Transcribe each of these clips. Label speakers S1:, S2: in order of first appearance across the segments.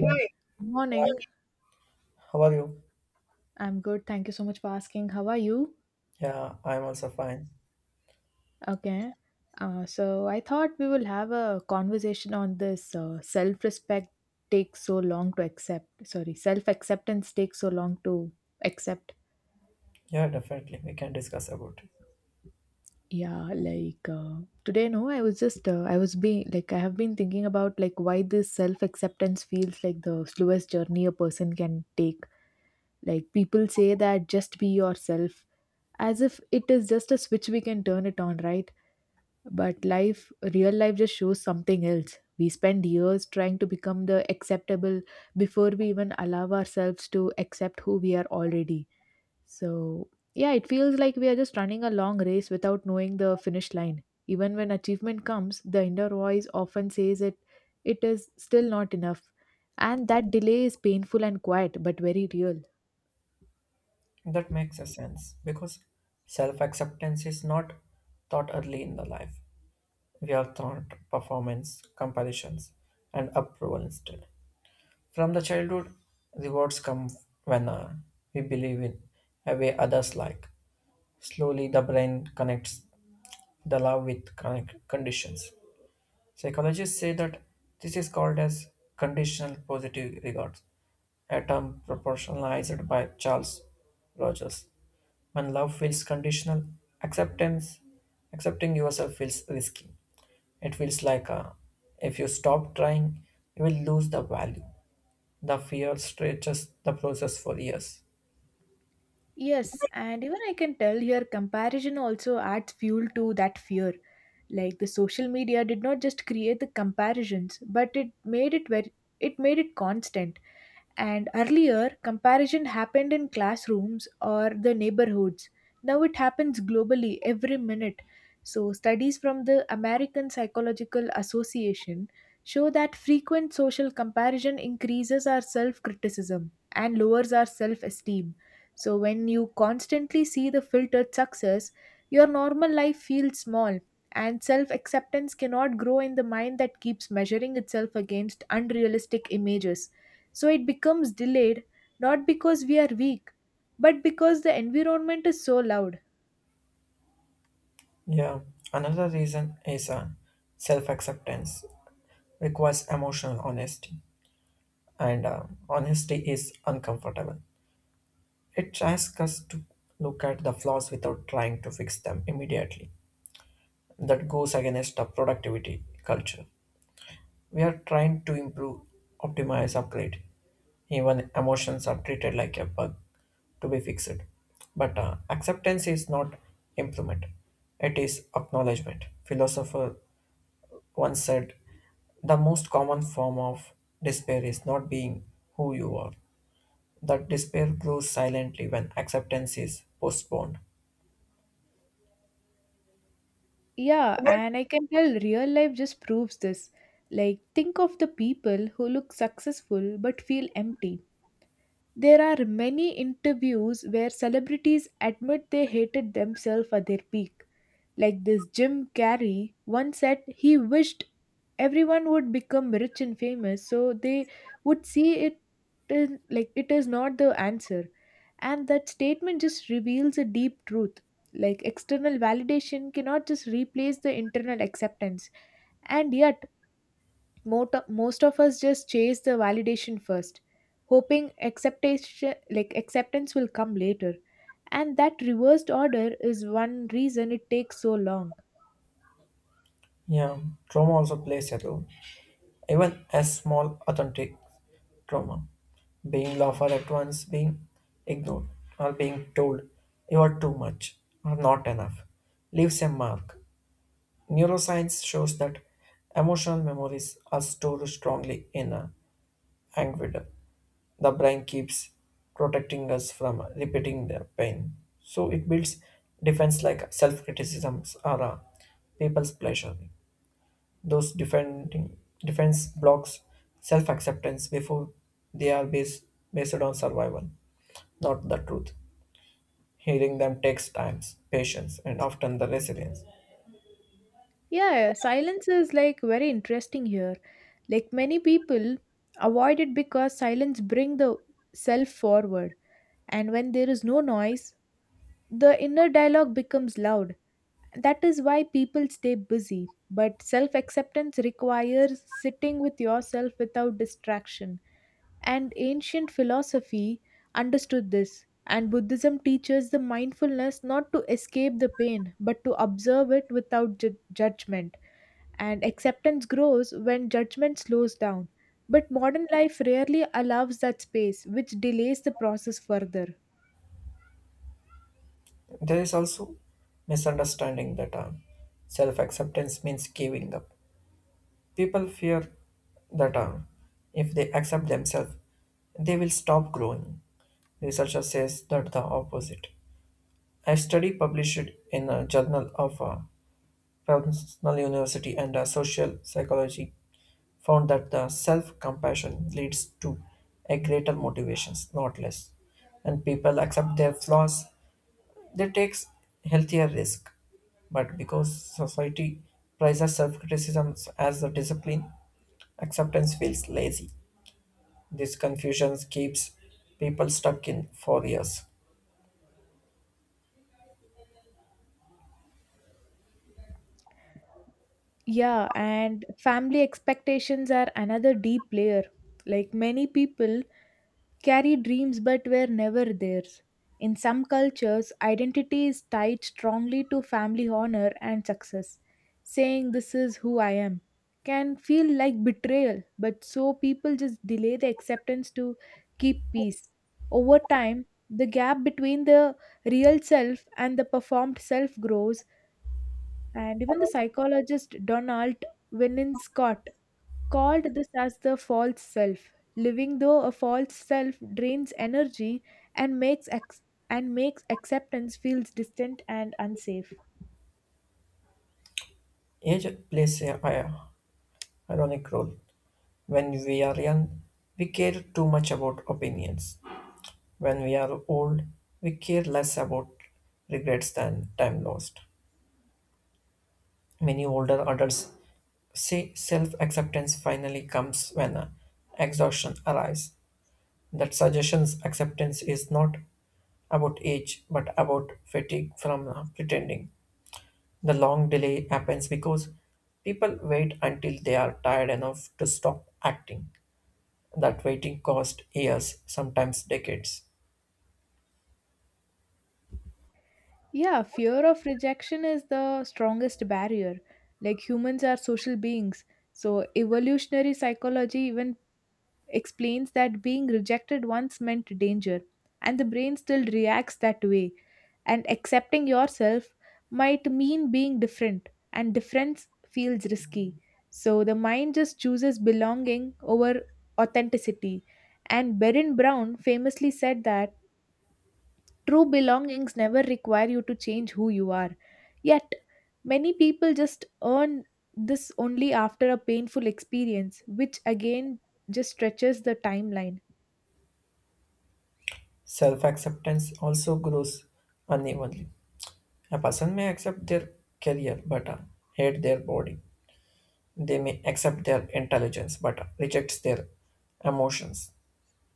S1: Yeah. Right. Hi,
S2: morning.
S1: how are you?
S2: I'm good. Thank you so much for asking. How are you?
S1: Yeah, I'm also fine.
S2: Okay. So I thought we will have a conversation on this self-respect takes so long to accept. Sorry, self-acceptance takes so long to accept.
S1: Yeah, definitely. We can discuss about it.
S2: Yeah, like today, no, I was just I have been thinking about like why this self-acceptance feels like the slowest journey a person can take. Like people say that just be yourself, as if it is just a switch we can turn it on, right? But life, real life just shows something else. We spend years trying to become the acceptable before we even allow ourselves to accept who we are already. So, yeah, it feels like we are just running a long race without knowing the finish line. Even when achievement comes, the inner voice often says it is still not enough. And that delay is painful and quiet, but very real.
S1: That makes a sense because self acceptance is not taught early in the life. We are taught performance, comparisons, and approval instead. From the childhood, rewards come when we believe in a way others like. Slowly, the brain connects the love with conditions. Psychologists say that this is called as conditional positive regard, a term proportionalized by Charles Rogers. When love feels conditional, acceptance, accepting yourself feels risky. It feels like if you stop trying, you will lose the value. The fear stretches the process for years.
S2: Yes, and even I can tell here comparison also adds fuel to that fear. Like the social media did not just create the comparisons, but it made it very it made it constant. And earlier, comparison happened in classrooms or the neighborhoods. Now it happens globally every minute. So, studies from the American Psychological Association show that frequent social comparison increases our self criticism and lowers our self esteem. So, when you constantly see the filtered success, your normal life feels small, and self acceptance cannot grow in the mind that keeps measuring itself against unrealistic images. So it becomes delayed not because we are weak, but because the environment is so loud.
S1: Yeah, another reason is self acceptance requires emotional honesty, and honesty is uncomfortable. It asks us to look at the flaws without trying to fix them immediately. That goes against a productivity culture. We are trying to improve, optimize, upgrade. Even emotions are treated like a bug to be fixed. But acceptance is not improvement, it is acknowledgement. Philosopher once said the most common form of despair is not being who you are. That despair grows silently when acceptance is postponed.
S2: Yeah, and I can tell real life just proves this. Like, think of the people who look successful but feel empty. There are many interviews where celebrities admit they hated themselves at their peak. Like this Jim Carrey once said he wished everyone would become rich and famous so they would see it is like it is not the answer. And that statement just reveals a deep truth. Like external validation cannot just replace the internal acceptance. And yet, most of us just chase the validation first, hoping acceptation like acceptance will come later. And that reversed order is one reason it takes so long.
S1: Yeah, trauma also plays a role. Even a small authentic trauma, being laughed at once, being ignored, or being told you are too much or not enough, leaves a mark. Neuroscience shows that emotional memories are stored strongly in a amygdala. The brain keeps protecting us from repeating the pain, so it builds defense like self-criticisms or people's pleasure. Those defending defense blocks self-acceptance before they are based on survival, not the truth. Healing them takes time, patience, and often the resilience.
S2: Yeah, silence is like very interesting here. Like many people avoid it because silence bring the self forward, and when there is no noise, the inner dialogue becomes loud. That is why people stay busy. But self-acceptance requires sitting with yourself without distraction. And ancient philosophy understood this. And Buddhism teaches the mindfulness not to escape the pain, but to observe it without judgment, and acceptance grows when judgment slows down. But modern life rarely allows that space, which delays the process further.
S1: There is also misunderstanding the term. Self-acceptance means giving up. People fear the term. If they accept themselves, they will stop growing. Researcher says that the opposite. A study published in a journal of Professional University and Social Psychology found that the self-compassion leads to a greater motivations, not less. And people accept their flaws, they take healthier risk. But because society prizes self-criticism as a discipline, acceptance feels lazy. This confusion keeps people stuck in for years.
S2: Yeah, and family expectations are another deep layer. Like many people carry dreams but were never theirs. In some cultures, identity is tied strongly to family honor and success. Saying this is who I am can feel like betrayal, but so people just delay the acceptance to keep peace. Over time, the gap between the real self and the performed self grows, and even the psychologist Donald Winnicott called this as the false self. Living though a false self drains energy and and makes acceptance feels distant and unsafe.
S1: Age plays a, ironic role. When we are young, we care too much about opinions. When we are old, we care less about regrets than time lost. Many older adults say self acceptance finally comes when exhaustion arrives. That suggestions acceptance is not about age but about fatigue from pretending. The long delay happens because people wait until they are tired enough to stop acting. That waiting costs years, sometimes decades.
S2: Yeah, fear of rejection is the strongest barrier. Like humans are social beings, so evolutionary psychology even explains that being rejected once meant danger, and the brain still reacts that way. And accepting yourself might mean being different, and difference feels risky. So the mind just chooses belonging over authenticity. And Berin Brown famously said that true belongings never require you to change who you are. Yet, many people just earn this only after a painful experience, which again just stretches the timeline.
S1: Self acceptance also grows unevenly. A person may accept their career but hate their body. They may accept their intelligence but rejects their emotions.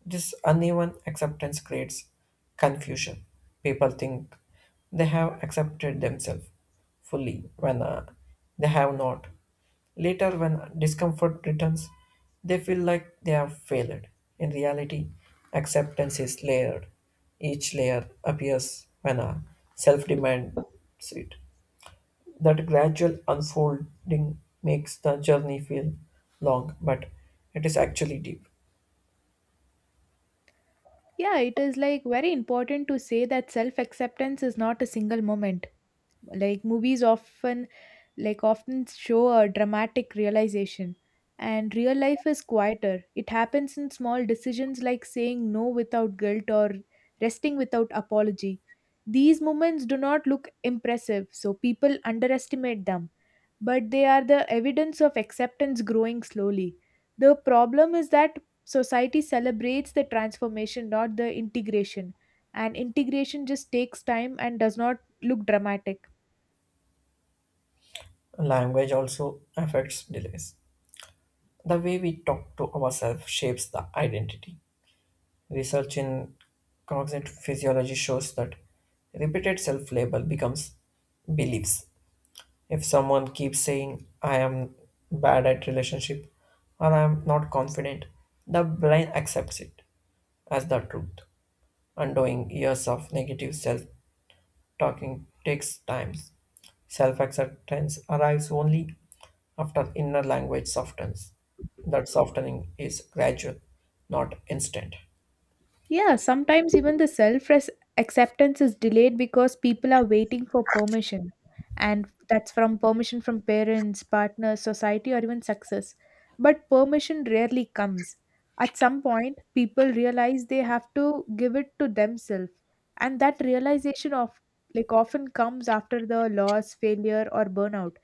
S1: This uneven acceptance creates confusion. People think they have accepted themselves fully when they have not. Later, when discomfort returns, they feel like they have failed. In reality, acceptance is layered. Each layer appears when a self demands it. That gradual unfolding makes the journey feel long, but it is actually deep.
S2: Yeah, it is like very important to say that self acceptance is not a single moment. Like movies often show a dramatic realization, and real life is quieter. It happens in small decisions like saying no without guilt or resting without apology. These moments do not look impressive, so people underestimate them, but they are the evidence of acceptance growing slowly. The problem is that society celebrates the transformation, not the integration, and integration just takes time and does not look dramatic.
S1: Language also affects delays. The way we talk to ourselves shapes the identity. Research in cognitive physiology shows that repeated self label becomes beliefs. If someone keeps saying, I am bad at relationship or I am not confident, the brain accepts it as the truth, undoing years of negative self talking takes time. Self acceptance arrives only after inner language softens. That softening is gradual, not instant.
S2: Yeah, sometimes even the self acceptance is delayed because people are waiting for permission. And that's from permission from parents, partners, society, or even success. But permission rarely comes. At some point, people realize they have to give it to themselves. And that realization of like often comes after the loss, failure, or burnout.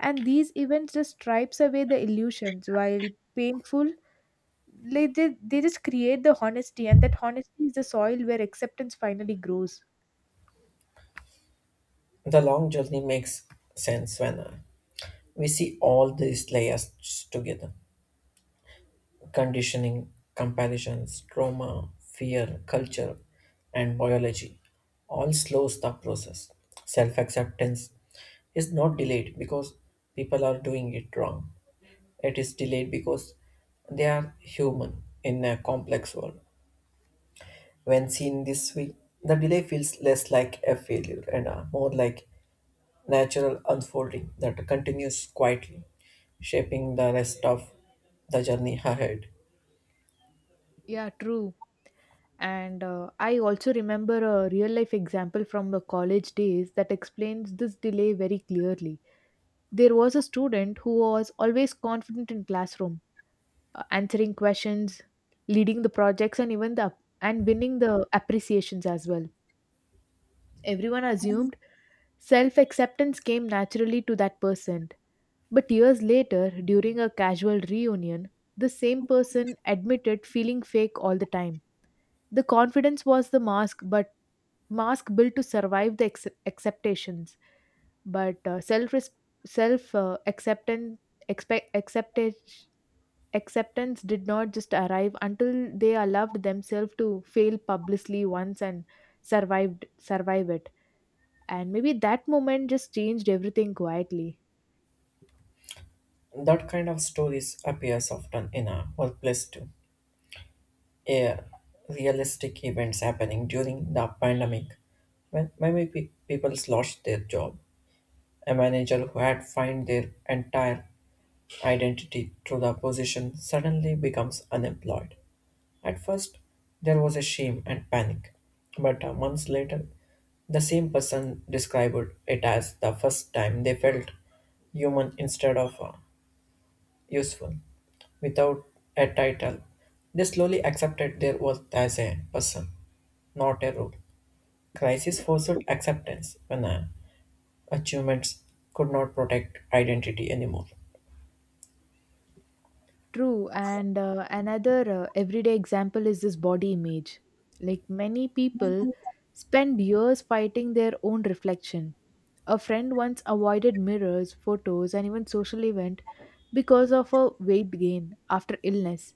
S2: And these events just stripes away the illusions while painful, like they just create the honesty, and that honesty is the soil where acceptance finally grows.
S1: The long journey makes sense when we see all these layers together conditioning, comparisons, trauma, fear, culture, and biology all slows the process. Self acceptance is not delayed because people are doing it wrong. It is delayed because they are human in a complex world. When seen this way, the delay feels less like a failure and more like natural unfolding that continues quietly, shaping the rest of the journey ahead.
S2: Yeah, true. And I also remember a real life example from the college days that explains this delay very clearly. There was a student who was always confident in classroom, answering questions, leading the projects, and even the and winning the appreciations as well. Everyone assumed self acceptance came naturally to that person, but years later, during a casual reunion, the same person admitted feeling fake all the time. The confidence was the mask, but mask built to survive the acceptations. But self res- self acceptance expect accepted acceptance did not just arrive until they allowed themselves to fail publicly once and survive it. And maybe that moment just changed everything quietly.
S1: That kind of stories appears often in a workplace too. Yeah, realistic events happening during the pandemic when many people lost their job. A manager who had fined their entire identity through the position suddenly becomes unemployed. At first, there was a shame and panic, but months later, the same person described it as the first time they felt human instead of useful. Without a title, they slowly accepted their worth as a person, not a role. Crisis forced acceptance when achievements could not protect identity anymore.
S2: True, and another everyday example is this body image. Like many people spend years fighting their own reflection. A friend once avoided mirrors, photos, and even social event because of a weight gain after illness.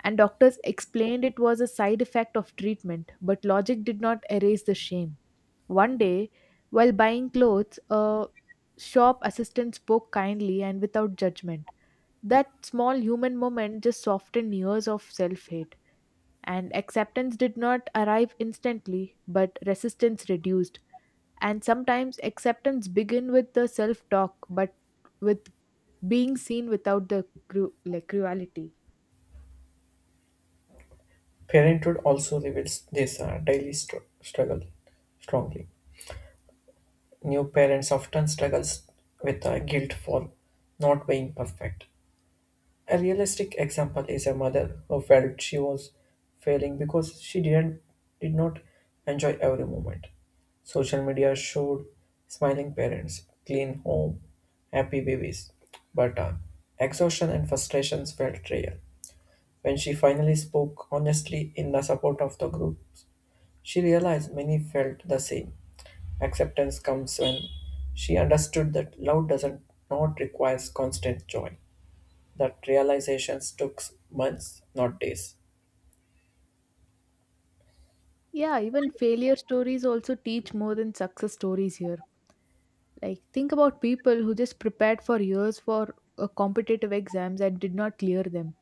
S2: And doctors explained it was a side effect of treatment, but logic did not erase the shame. One day, while buying clothes, a shop assistant spoke kindly and without judgment, that small human moment just softened years of self hate. And acceptance did not arrive instantly, but resistance reduced. And sometimes acceptance begin with the self talk, but with being seen without the cruelty.
S1: Parenthood also reveals this daily struggle strongly. New parents often struggles with guilt for not being perfect. A realistic example is a mother who felt she was failing because she did not enjoy every moment. Social media showed smiling parents, clean home, happy babies, but exhaustion and frustrations felt real. When she finally spoke honestly in the support of the groups. She realized many felt the same. Acceptance comes when she understood that love doesn't not requires constant joy. That realizations took months, not days.
S2: Yeah, even failure stories also teach more than success stories here. Like think about people who just prepared for years for competitive exams and did not clear them.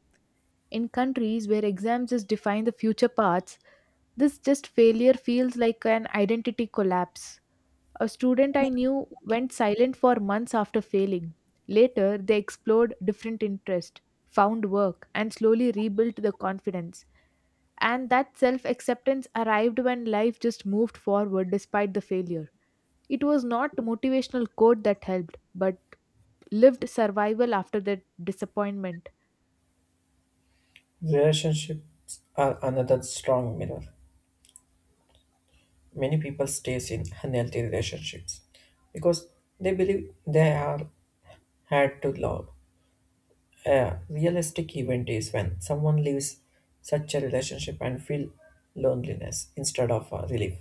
S2: In countries where exams just define the future paths, this just failure feels like an identity collapse. A student I knew went silent for months after failing. Later, they explored different interests, found work, and slowly rebuilt the confidence. And that self acceptance arrived when life just moved forward despite the failure. It was not motivational quote that helped, but lived survival after the disappointment.
S1: Relationships are another strong mirror. Many people stays in unhealthy relationships because they believe they are had to love. A realistic event is when someone leaves such a relationship and feel loneliness instead of relief.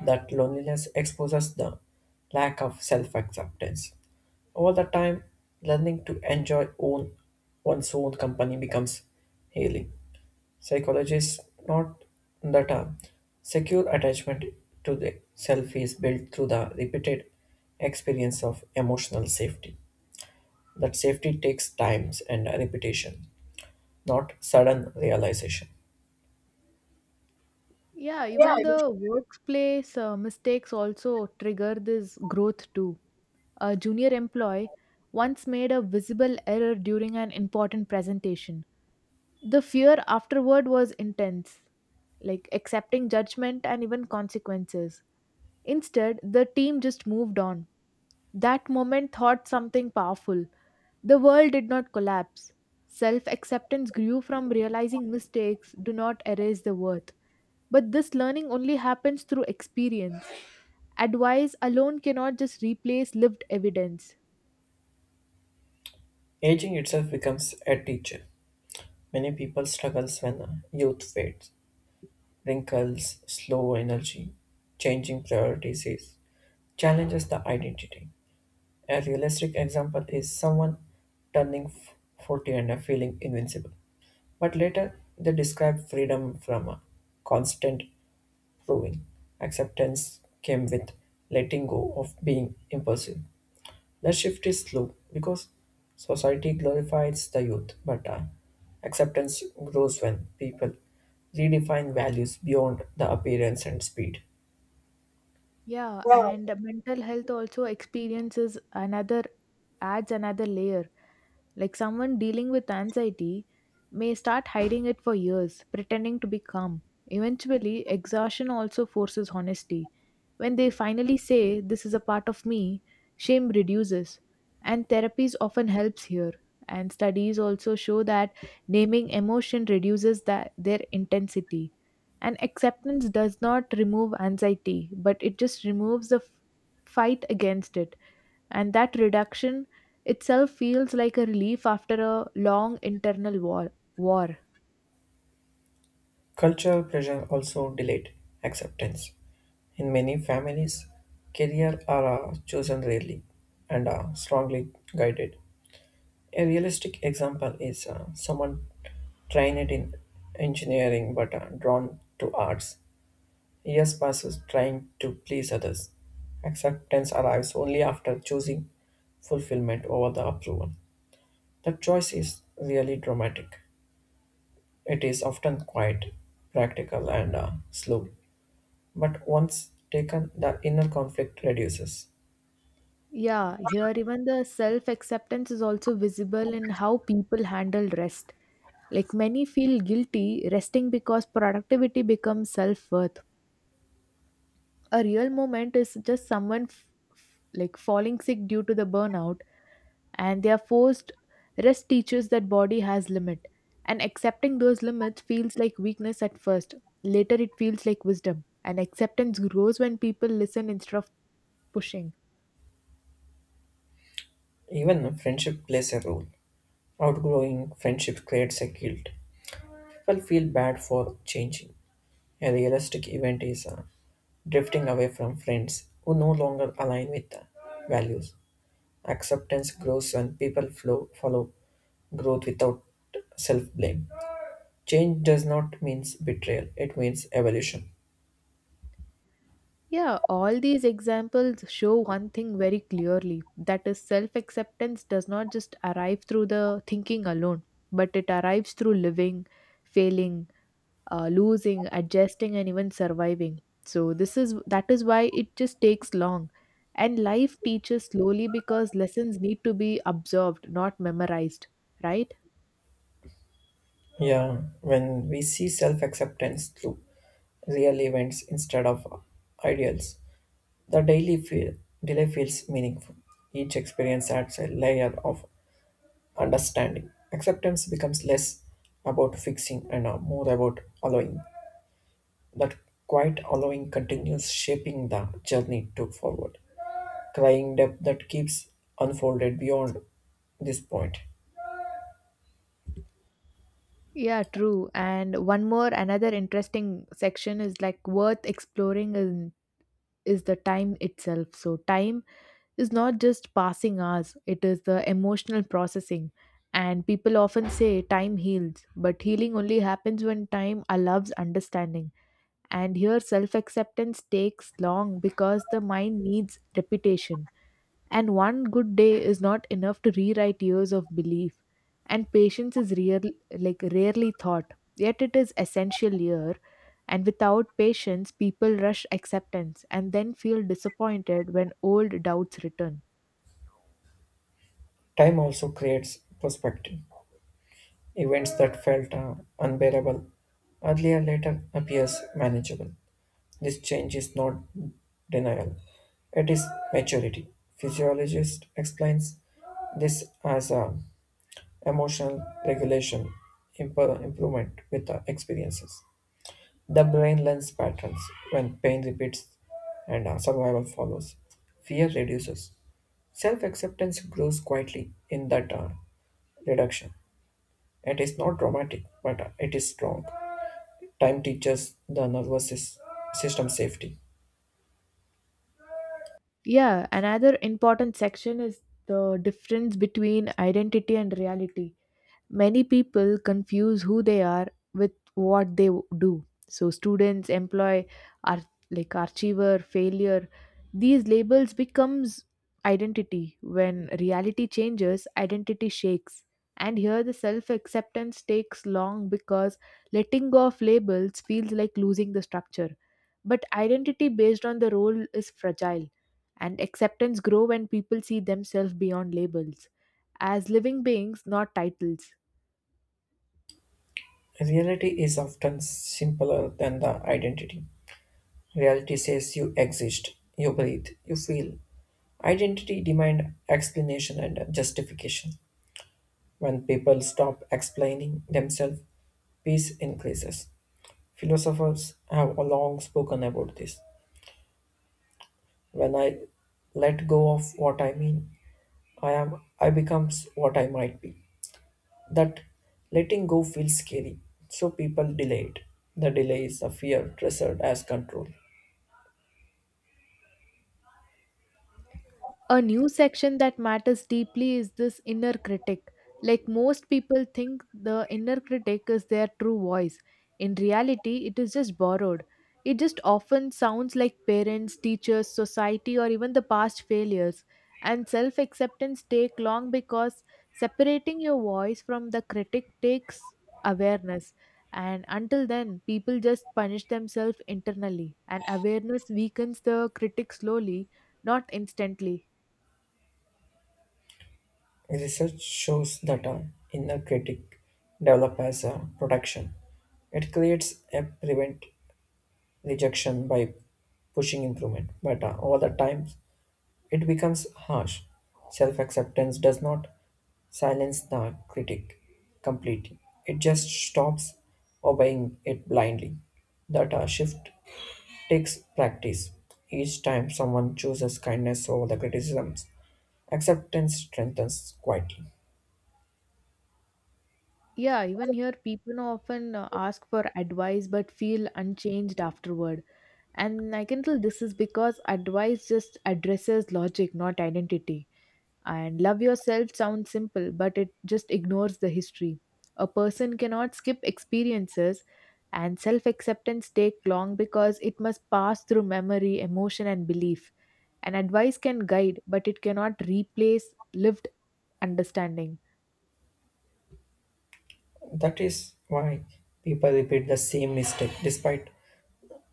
S1: That loneliness exposes the lack of self-acceptance. Over the time, learning to enjoy own one's own company becomes healing. Psychologists note that a secure attachment to the self is built through the repeated experience of emotional safety. That safety takes times and repetition not sudden realization.
S2: Yeah,
S1: Yeah,
S2: even the workplace mistakes also trigger this growth too. A junior employee once made a visible error during an important presentation. The fear afterward was intense, like accepting judgment and even consequences. Instead, the team just moved on. That moment thought something powerful. The world did not collapse. Self acceptance grew from realizing mistakes do not erase the worth. But this learning only happens through experience. Advice alone cannot just replace lived evidence.
S1: aging itself becomes a teacher. Many people struggles when youth fades, wrinkles, slow energy, changing priorities challenges the identity. A realistic example is someone turning 40 and feeling invincible. But later they describe freedom from constant proving. Acceptance came with letting go of being impulsive. The shift is slow because society glorifies the youth, but acceptance grows when people redefine values beyond the appearance and speed.
S2: Yeah, and mental health also experiences another adds another layer. Like someone dealing with anxiety may start hiding it for years, pretending to be calm. Eventually, exhaustion also forces honesty. When they finally say, this is a part of me, shame reduces. And therapies often helps here. And studies also show that naming emotion reduces that, their intensity. And acceptance does not remove anxiety, but it just removes the fight against it, and that reduction itself feels like a relief after a long internal war.
S1: Cultural pressure also delayed acceptance. In many families, career are chosen rarely and are strongly guided. A realistic example is someone trained in engineering but drawn to arts. Years passes trying to please others. Acceptance arrives only after choosing fulfillment over the approval. The choice is really dramatic. It is often quite practical and slow, but once taken, the inner conflict reduces.
S2: Yeah, here even the self acceptance is also visible in how people handle rest. Like many feel guilty resting because productivity becomes self worth. A real moment is just someone falling sick due to the burnout, and they are forced rest teaches that body has limit, and accepting those limits feels like weakness at first. Later it feels like wisdom, and acceptance grows when people listen instead of pushing.
S1: Even friendship plays a role. Outgrowing friendship creates a guilt. People feel bad for changing. A realistic event is drifting away from friends who no longer align with the values. Acceptance grows when people follow growth without self blame. Change does not mean betrayal, it means evolution.
S2: Yeah, all these examples show one thing very clearly, that is self acceptance does not just arrive through the thinking alone, but it arrives through living, failing, losing, adjusting, and even surviving. So this is that is why it just takes long. And life teaches slowly because lessons need to be absorbed, not memorized, right?
S1: Yeah, when we see self acceptance through real events instead of ideals, the daily feel, delay feels meaningful. Each experience adds a layer of understanding. Acceptance becomes less about fixing and more about allowing. That quiet allowing continues shaping the journey to forward. Crying depth that keeps unfolded beyond this point.
S2: Yeah, true. And one more another interesting section is like worth exploring. Is the time itself. So time is not just passing hours, it is the emotional processing. And people often say time heals, but healing only happens when time allows understanding. And here, self acceptance takes long because the mind needs repetition. And one good day is not enough to rewrite years of belief. And patience is rarely thought, yet it is essential here. And without patience, people rush acceptance and then feel disappointed when old doubts return.
S1: Time also creates perspective. Events that felt unbearable earlier later appears manageable. This change is not denial. It is maturity. Physiologist explains this as a emotional regulation improvement with the experiences. The brain learns patterns when pain repeats and survival follows. Fear reduces. Self acceptance grows quietly in that reduction. It is not dramatic, but it is strong. Time teaches the nervous system safety.
S2: Yeah, another important section is the difference between identity and reality. Many people confuse who they are with what they do. So students, employee, are like achiever, failure. These labels becomes identity. When reality changes, identity shakes. And here the self-acceptance takes long because letting go of labels feels like losing the structure. But identity based on the role is fragile and acceptance grow when people see themselves beyond labels as living beings not titles.
S1: Reality is often simpler than the identity. Reality says you exist, you breathe, you feel. Identity demand explanation and justification. When people stop explaining themselves, peace increases. Philosophers have long spoken about this. When I let go of what I mean, I becomes what I might be. That letting go feels scary, so people delay it. The delay is a fear treasured as control.
S2: A new section that matters deeply is this inner critic. Like most people think the inner critic is their true voice. In reality, it is just borrowed. It just often sounds like parents, teachers, society, or even the past failures. And self acceptance take long because separating your voice from the critic takes awareness. And until then, people just punish themselves internally, and awareness weakens the critic slowly, not instantly.
S1: Research shows that our inner critic develops as a protection. It creates a prevent rejection by pushing improvement, but over the time it becomes harsh. Self acceptance does not silence the critic completely, it just stops obeying it blindly. That shift takes practice. Each time someone chooses kindness over the criticisms, acceptance strengthens quietly.
S2: Yeah, even here, people often ask for advice but feel unchanged afterward. And I can tell this is because advice just addresses logic, not identity. And love yourself sounds simple, but it just ignores the history. A person cannot skip experiences, and self acceptance takes long because it must pass through memory, emotion, and belief. And advice can guide, but it cannot replace lived understanding.
S1: That is why people repeat the same mistake despite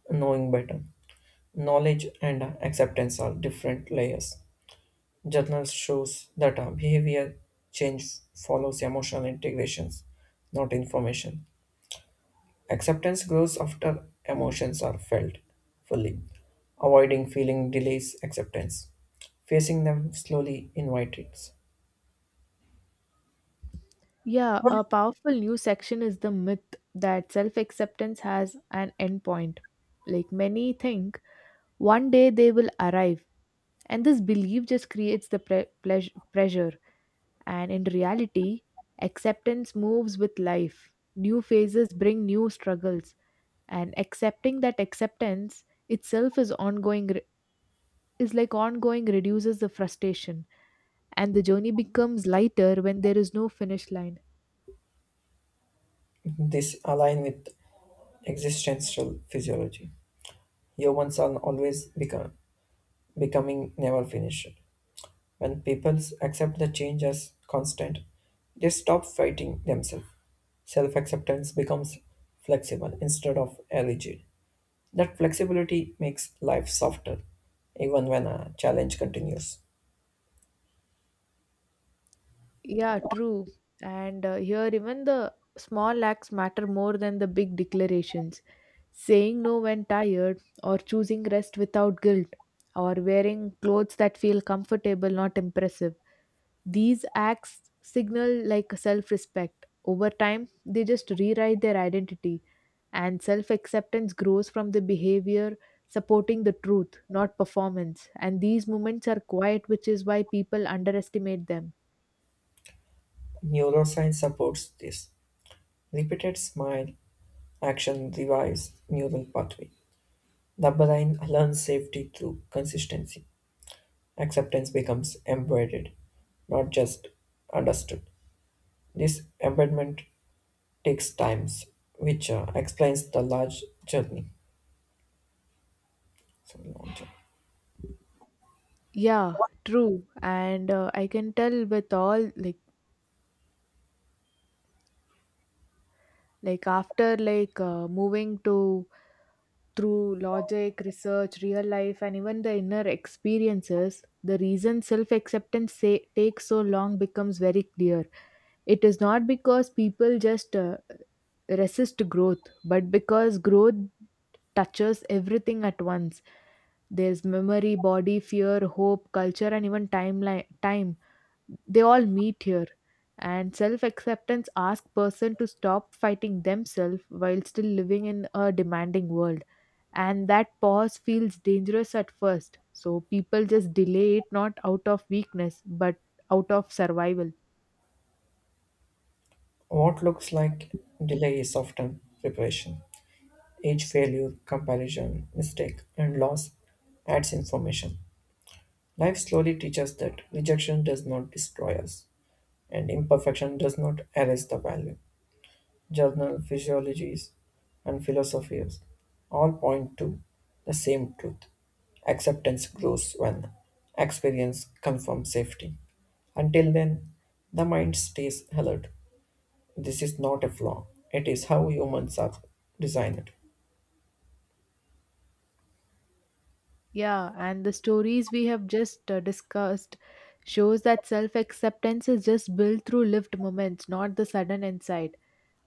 S1: knowing better. Knowledge and acceptance are different layers. Journal shows that behavior change follows emotional integrations, not information. Acceptance grows after emotions are felt fully. Avoiding feeling delays acceptance. Facing them slowly invites.
S2: Yeah, a powerful new section is the myth that self acceptance has an endpoint. Like many think, one day they will arrive, and this belief just creates the pressure. And in reality, acceptance moves with life. New phases bring new struggles, and accepting that acceptance itself is ongoing. Is like ongoing reduces the frustration, and the journey becomes lighter when there is no finish line.
S1: This align with existential physiology. Humans are always becoming never finished. When people accept the change as constant, they stop fighting themselves. Self acceptance becomes flexible instead of rigid. That flexibility makes life softer, even when a challenge continues.
S2: Yeah, true. And here, even the small acts matter more than the big declarations. Saying no when tired, or choosing rest without guilt, or wearing clothes that feel comfortable, not impressive. These acts signal like self respect. Over time, they just rewrite their identity, and self acceptance grows from the behavior supporting the truth, not performance. And these moments are quiet, which is why people underestimate them.
S1: Neuroscience supports this. Repeated smile action revives neural pathway. The brain learns safety through consistency. Acceptance becomes embedded, not just understood. This embedment takes times, which explains the large journey. So, long journey.
S2: Yeah, true. And I can tell with all like after like moving to through logic, research, real life, and even the inner experiences, the reason self acceptance say, takes so long becomes very clear. It is not because people just resist growth, but because growth touches everything at once. There's memory, body, fear, hope, culture, and even time they all meet here, and self-acceptance asks person to stop fighting themselves while still living in a demanding world, and that pause feels dangerous at first, so people just delay it not out of weakness but out of survival.
S1: What looks like delay is often preparation. Each failure, comparison, mistake, and loss adds information. Life slowly teaches that rejection does not destroy us, and imperfection does not erase the value. Journal physiologies, and philosophies all point to the same truth. Acceptance grows when experience confirms safety. Until then, the mind stays alert. This is not a flaw, it is how humans are designed.
S2: Yeah, and the stories we have just discussed shows that self-acceptance is just built through lived moments, not the sudden insight.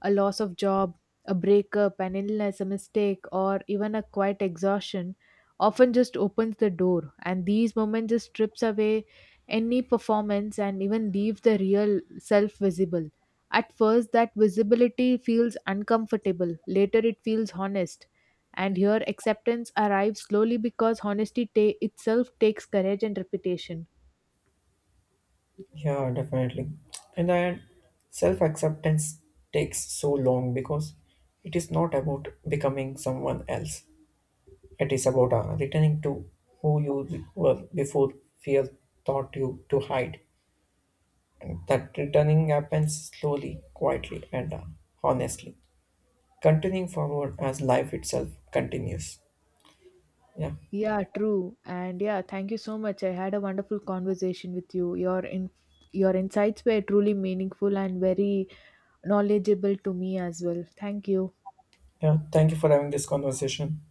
S2: A loss of job, a breakup, an illness, a mistake, or even a quiet exhaustion often just opens the door. And these moments just strips away any performance and even leaves the real self visible. At first, that visibility feels uncomfortable. Later, it feels honest. And here, acceptance arrives slowly because honesty itself takes courage and reputation.
S1: Yeah, definitely. And then self acceptance takes so long because it is not about becoming someone else. It is about returning to who you were before fear taught you to hide. And that returning happens slowly, quietly, and honestly, continuing forward as life itself continues. Yeah.
S2: Yeah, true. And yeah, thank you so much. I had a wonderful conversation with you. Your insights were truly meaningful and very knowledgeable to me as well. Thank you.
S1: Yeah. Thank you for having this conversation.